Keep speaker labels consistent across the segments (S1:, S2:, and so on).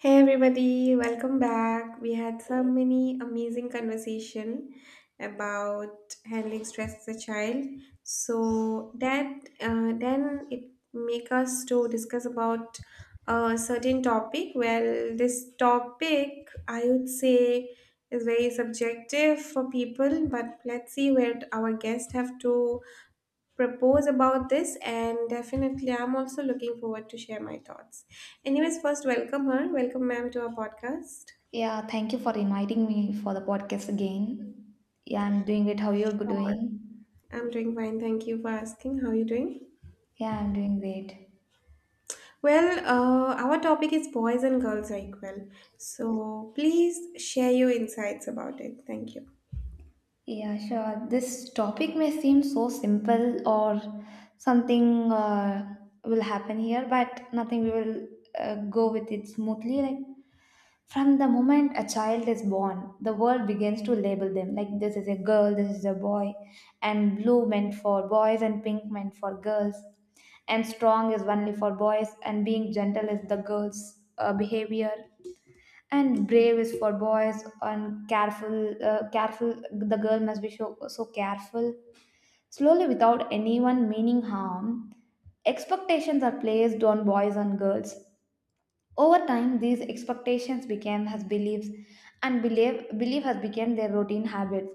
S1: Hey everybody, welcome back. We had so many amazing conversation about handling stress as a child. So that then it make us to discuss about a certain topic. Well, this topic I would say is very subjective for people, but let's see where our guest have to propose about this, and definitely I'm also looking forward to share my thoughts. Anyways, first welcome her, welcome ma'am to our podcast.
S2: Yeah, thank you for inviting me for the podcast again. Yeah, I'm doing great. How you're
S1: How are you?
S2: doing?
S1: I'm doing fine, thank you for asking, how are you doing?
S2: Yeah, I'm doing great.
S1: Well, our topic is boys and girls are equal, so please share your insights about it, thank you.
S2: Yeah, sure. This topic may seem so simple or something will happen here, but nothing we will go with it smoothly. Like from the moment a child is born, the world begins to label them like this is a girl, this is a boy, and blue meant for boys and pink meant for girls, and strong is only for boys, and being gentle is the girl's behavior, and brave is for boys and careful the girl must be so, so careful. Slowly, without anyone meaning harm, expectations are placed on boys and girls. Over time, these expectations became his beliefs, and belief has become their routine habits.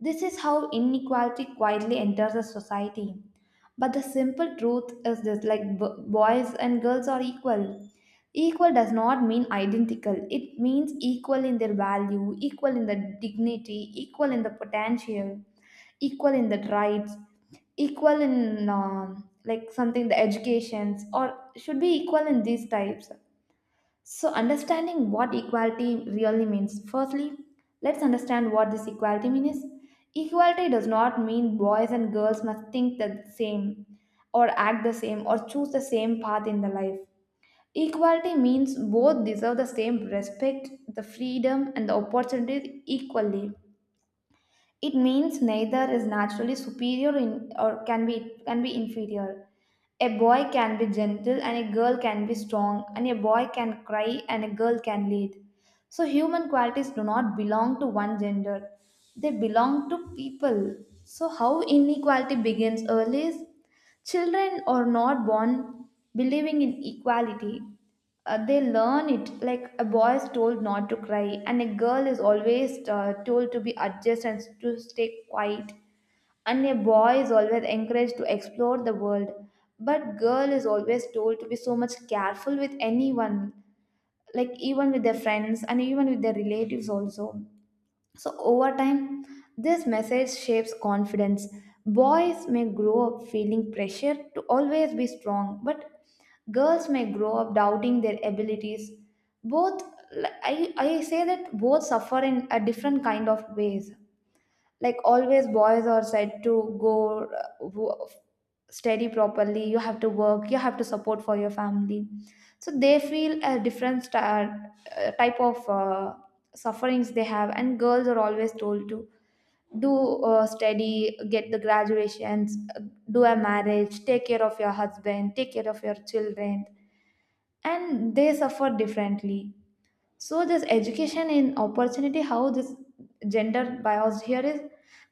S2: This is how inequality quietly enters a society. But the simple truth is this, like, boys and girls are equal. Equal does not mean identical, it means equal in their value, equal in the dignity, equal in the potential, equal in the rights, equal in like something the educations, or should be equal in these types. So, understanding what equality really means. Firstly, let's understand what this equality means. Equality does not mean boys and girls must think the same, or act the same, or choose the same path in the life. Equality means both deserve the same respect, the freedom, and the opportunities equally. It means neither is naturally superior in, or can be inferior. A boy can be gentle and a girl can be strong, and a boy can cry and a girl can lead. So human qualities do not belong to one gender. They belong to people. So how inequality begins early is children are not born believing in equality. They learn it, like a boy is told not to cry, and a girl is always told to be adjust and to stay quiet, and a boy is always encouraged to explore the world, but girl is always told to be so much careful with anyone, like even with their friends and even with their relatives also. So, over time, this message shapes confidence. Boys may grow up feeling pressure to always be strong, but girls may grow up doubting their abilities. Both, I say that both suffer in a different kind of ways, like always boys are said to go uh, wo- study properly, you have to work, you have to support for your family. So they feel a different type of sufferings they have. And girls are always told to do, study, get the graduations, do a marriage, take care of your husband, take care of your children. And they suffer differently. So this education and opportunity, how this gender bias here is,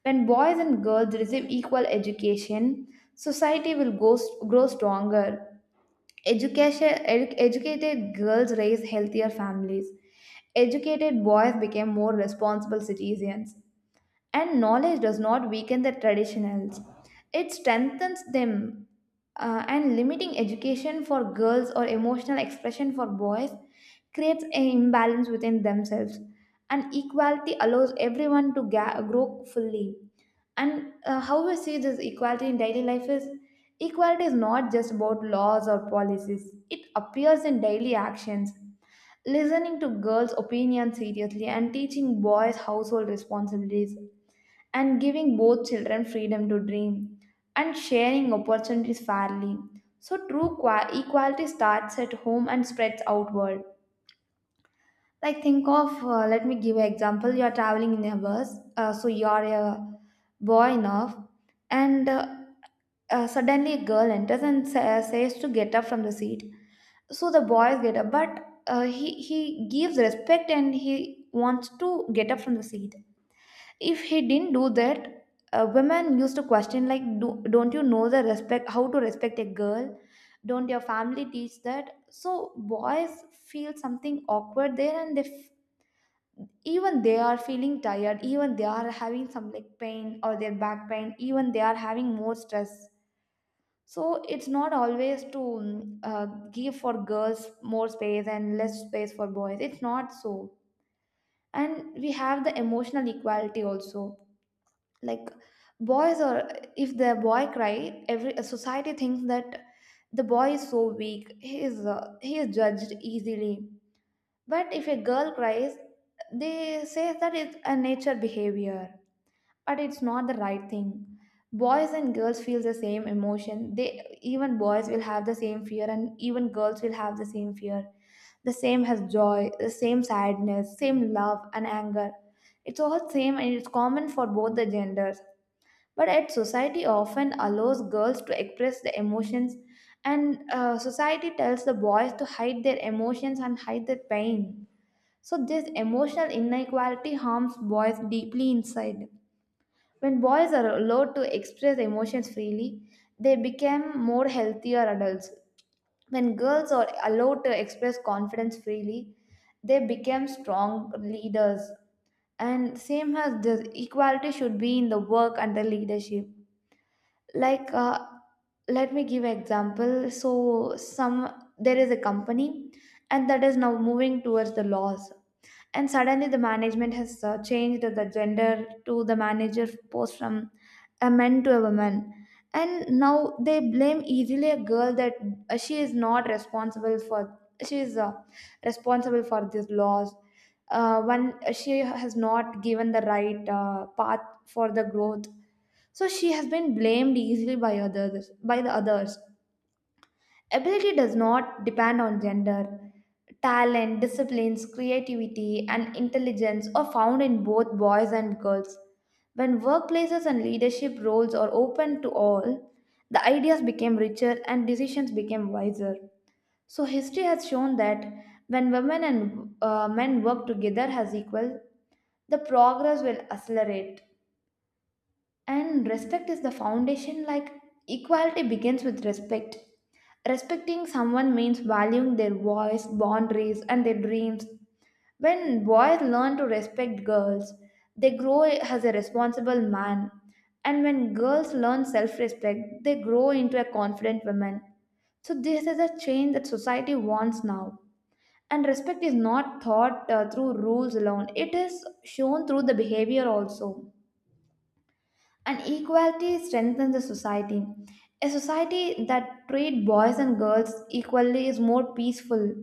S2: when boys and girls receive equal education, society will grow stronger. Educated girls raise healthier families, educated boys became more responsible citizens, and knowledge does not weaken the traditionals, it strengthens them. And limiting education for girls or emotional expression for boys creates an imbalance within themselves, and equality allows everyone to grow fully. And how we see this equality in daily life is, equality is not just about laws or policies, it appears in daily actions: listening to girls opinions seriously, and teaching boys household responsibilities, and giving both children freedom to dream, and sharing opportunities fairly. So, true equality starts at home and spreads outward. Like, let me give an example. You are traveling in a bus, so you are a boy enough, and suddenly a girl enters and says to get up from the seat. So the boys get up, but he gives respect and he wants to get up from the seat. If he didn't do that, women used to question like, don't you know the respect, how to respect a girl? Don't your family teach that? So boys feel something awkward there, and they even they are feeling tired, even they are having some like pain or their back pain, even they are having more stress. So it's not always to give for girls more space and less space for boys. It's not so. And we have the emotional equality also. Like, boys, or if the boy cry, every society thinks that the boy is so weak, he is judged easily. But if a girl cries, they say that it's a nature behavior. But it's not the right thing. Boys and girls feel the same emotion, they, even boys will have the same fear and even girls will have the same fear. The same has joy, the same sadness, same love and anger. It's all same, and it's common for both the genders. But yet society often allows girls to express their emotions, and society tells the boys to hide their emotions and hide their pain. So this emotional inequality harms boys deeply inside. When boys are allowed to express emotions freely, they become more healthier adults. When girls are allowed to express confidence freely, they become strong leaders. And same as this, equality should be in the work and the leadership. Like, let me give example. So, some, there is a company, and that is now moving towards the laws, and suddenly the management has changed the gender to the manager post from a man to a woman. And now they blame easily a girl that she is not responsible for, she is responsible for these laws, one, she has not given the right path for the growth. So she has been blamed easily by others, by the others. Ability does not depend on gender. Talent, disciplines, creativity and intelligence are found in both boys and girls. When workplaces and leadership roles are open to all, the ideas became richer and decisions became wiser. So history has shown that when women and men work together as equal, the progress will accelerate. And respect is the foundation. Like, equality begins with respect. Respecting someone means valuing their voice, boundaries, and their dreams. When boys learn to respect girls, they grow as a responsible man. And when girls learn self respect, they grow into a confident woman. So, this is a change that society wants now. And respect is not taught through rules alone, it is shown through the behavior also. And equality strengthens the society. A society that treats boys and girls equally is more peaceful.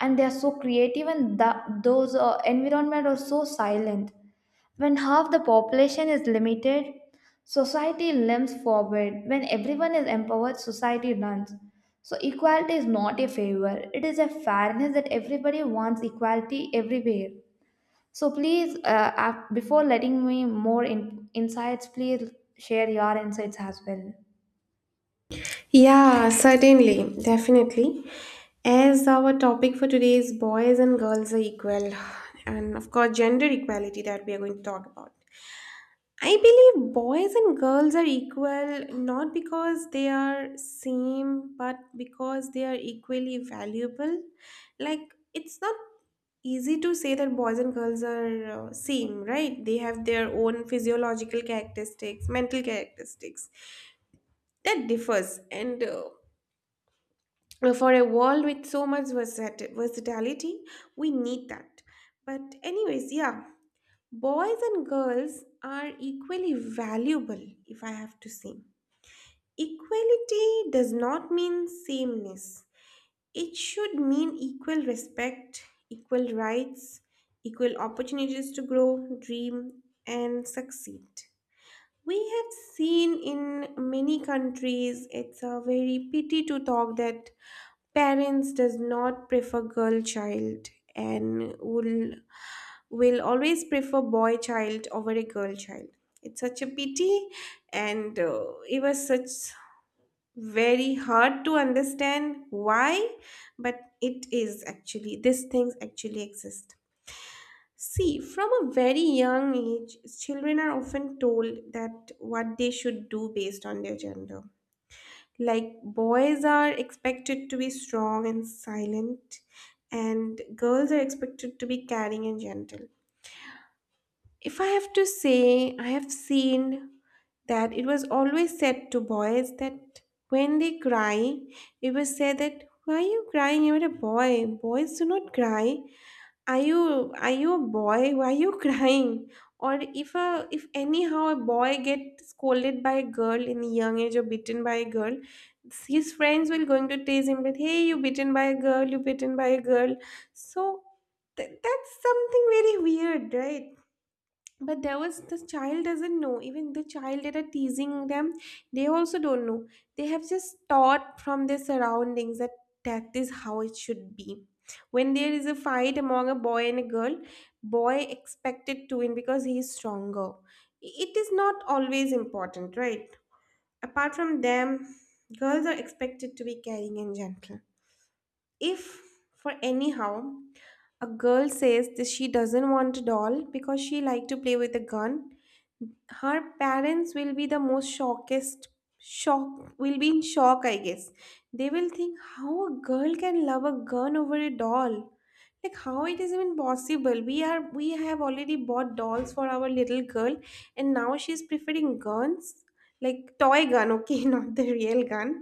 S2: And they are so creative, and the, those environment are so silent. When half the population is limited, society limps forward. When everyone is empowered, society runs. So equality is not a favor; it is a fairness that everybody wants equality everywhere. So please, before letting me more insights, please share your insights as well.
S1: Yeah, certainly, definitely. As our topic for today is boys and girls are equal, and of course gender equality that we are going to talk about, I believe boys and girls are equal not because they are same but because they are equally valuable. Like, it's not easy to say that boys and girls are same, right? They have their own physiological characteristics, mental characteristics. That differs, and for a world with so much versatility, we need that. But anyways, yeah, boys and girls are equally valuable, if I have to say. Equality does not mean sameness. It should mean equal respect, equal rights, equal opportunities to grow, dream, and succeed. We have seen in many countries it's a very pity to talk that parents does not prefer girl child and will always prefer boy child over a girl child. It's such a pity, and it was such very hard to understand why, but it is actually, these things actually exist. See, from a very young age, children are often told that what they should do based on their gender. Like, boys are expected to be strong and silent, and girls are expected to be caring and gentle. If I have to say, I have seen that it was always said to boys that when they cry, it was said that, why are you crying? You're a boy. Boys do not cry. Are you a boy, why are you crying? Or if a if anyhow a boy gets scolded by a girl in the young age or bitten by a girl, his friends will going to tease him that, hey, you bitten by a girl, you bitten by a girl. So that's something very weird, right? But there was, the child doesn't know, even the child that are teasing them, they also don't know. They have just taught from their surroundings that that is how it should be. When there is a fight among a boy and a girl, boy expected to win because he is stronger. It is not always important, right? Apart from them, girls are expected to be caring and gentle. If, for anyhow, a girl says that she doesn't want a doll because she like to play with a gun, her parents will be the most shock will be in shock, I guess. They will think how a girl can love a gun over a doll. Like, how it is even possible, we have already bought dolls for our little girl and now she's preferring guns. Like toy gun, okay, not the real gun,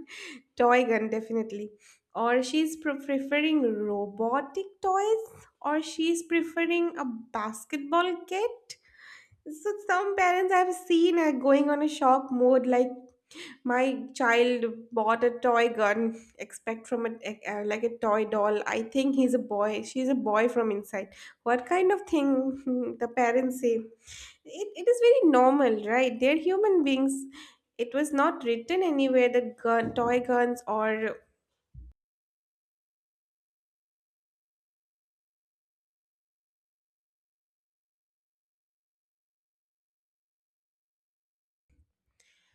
S1: toy gun definitely. Or she's preferring robotic toys, or she's preferring a basketball kit. So some parents I've seen are going on a shock mode, like, my child bought a toy gun, expect from a like a toy doll. I think he's a boy, she's a boy from inside. What kind of thing the parents say? It is very normal, right? They're human beings. It was not written anywhere that gun, toy guns, or,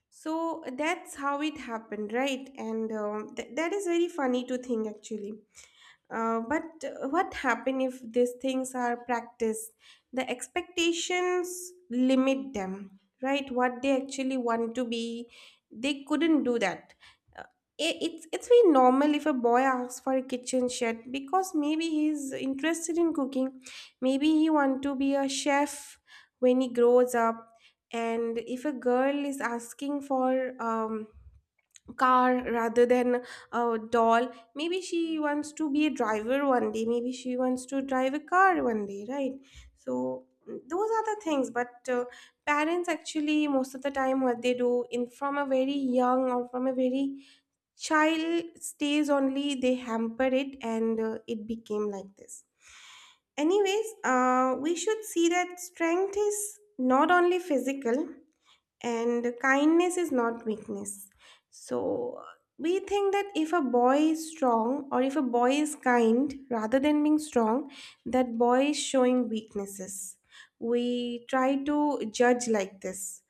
S1: so that's how it happened, right? And that is very funny to think actually. But what happen if these things are practiced? The expectations limit them, right? What they actually want to be, they couldn't do that. Uh, it's very normal if a boy asks for a kitchen shed because maybe he's interested in cooking, maybe he want to be a chef when he grows up, and if a girl is asking for um car rather than a doll. Maybe she wants to be a driver one day. Maybe she wants to drive a car one day, right? So those are the things. But parents actually most of the time what they do in, from a very young or from a very child stays only, they hamper it, and it became like this. Anyways, we should see that strength is not only physical and kindness is not weakness. So we think that if a boy is strong, or if a boy is kind rather than being strong, that boy is showing weaknesses. We try to judge like this,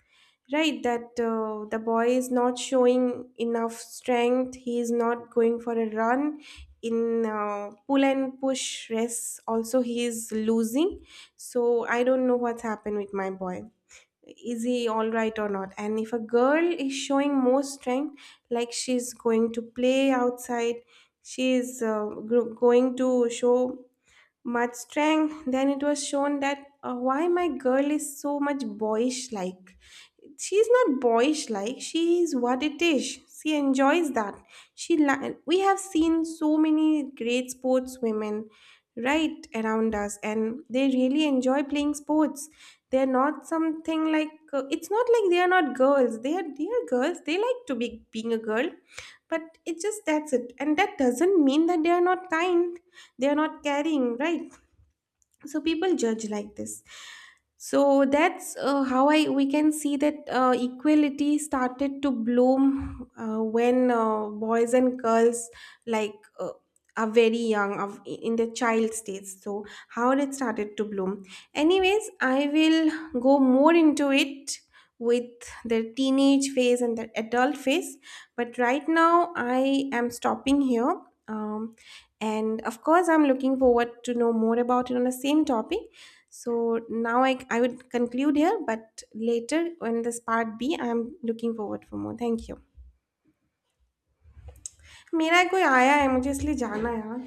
S1: right? That the boy is not showing enough strength, he is not going for a run, in pull and push race also he is losing. So I don't know what's happened with my boy, is he all right or not. And if a girl is showing more strength, like she's going to play outside, she's going to show much strength, then it was shown that why my girl is so much boyish. Like, she's not boyish, like she is what it is, she enjoys that. We have seen so many great sports women right around us, and they really enjoy playing sports. They're not something like, it's not like they are not girls, they are girls, they like to be being a girl, but it just that's it. And that doesn't mean that they are not kind, they are not caring, right? So people judge like this. So that's how I we can see that equality started to bloom when boys and girls, like are very young of in the child stage. So how it started to bloom, anyways I will go more into it with the teenage phase and the adult phase, but right now I am stopping here. um, and of course I'm looking forward to know more about it on the same topic. So now I would conclude here, but later on this part b I'm looking forward for more, thank you. मेरा कोई आया है मुझे इसलिए जाना है यार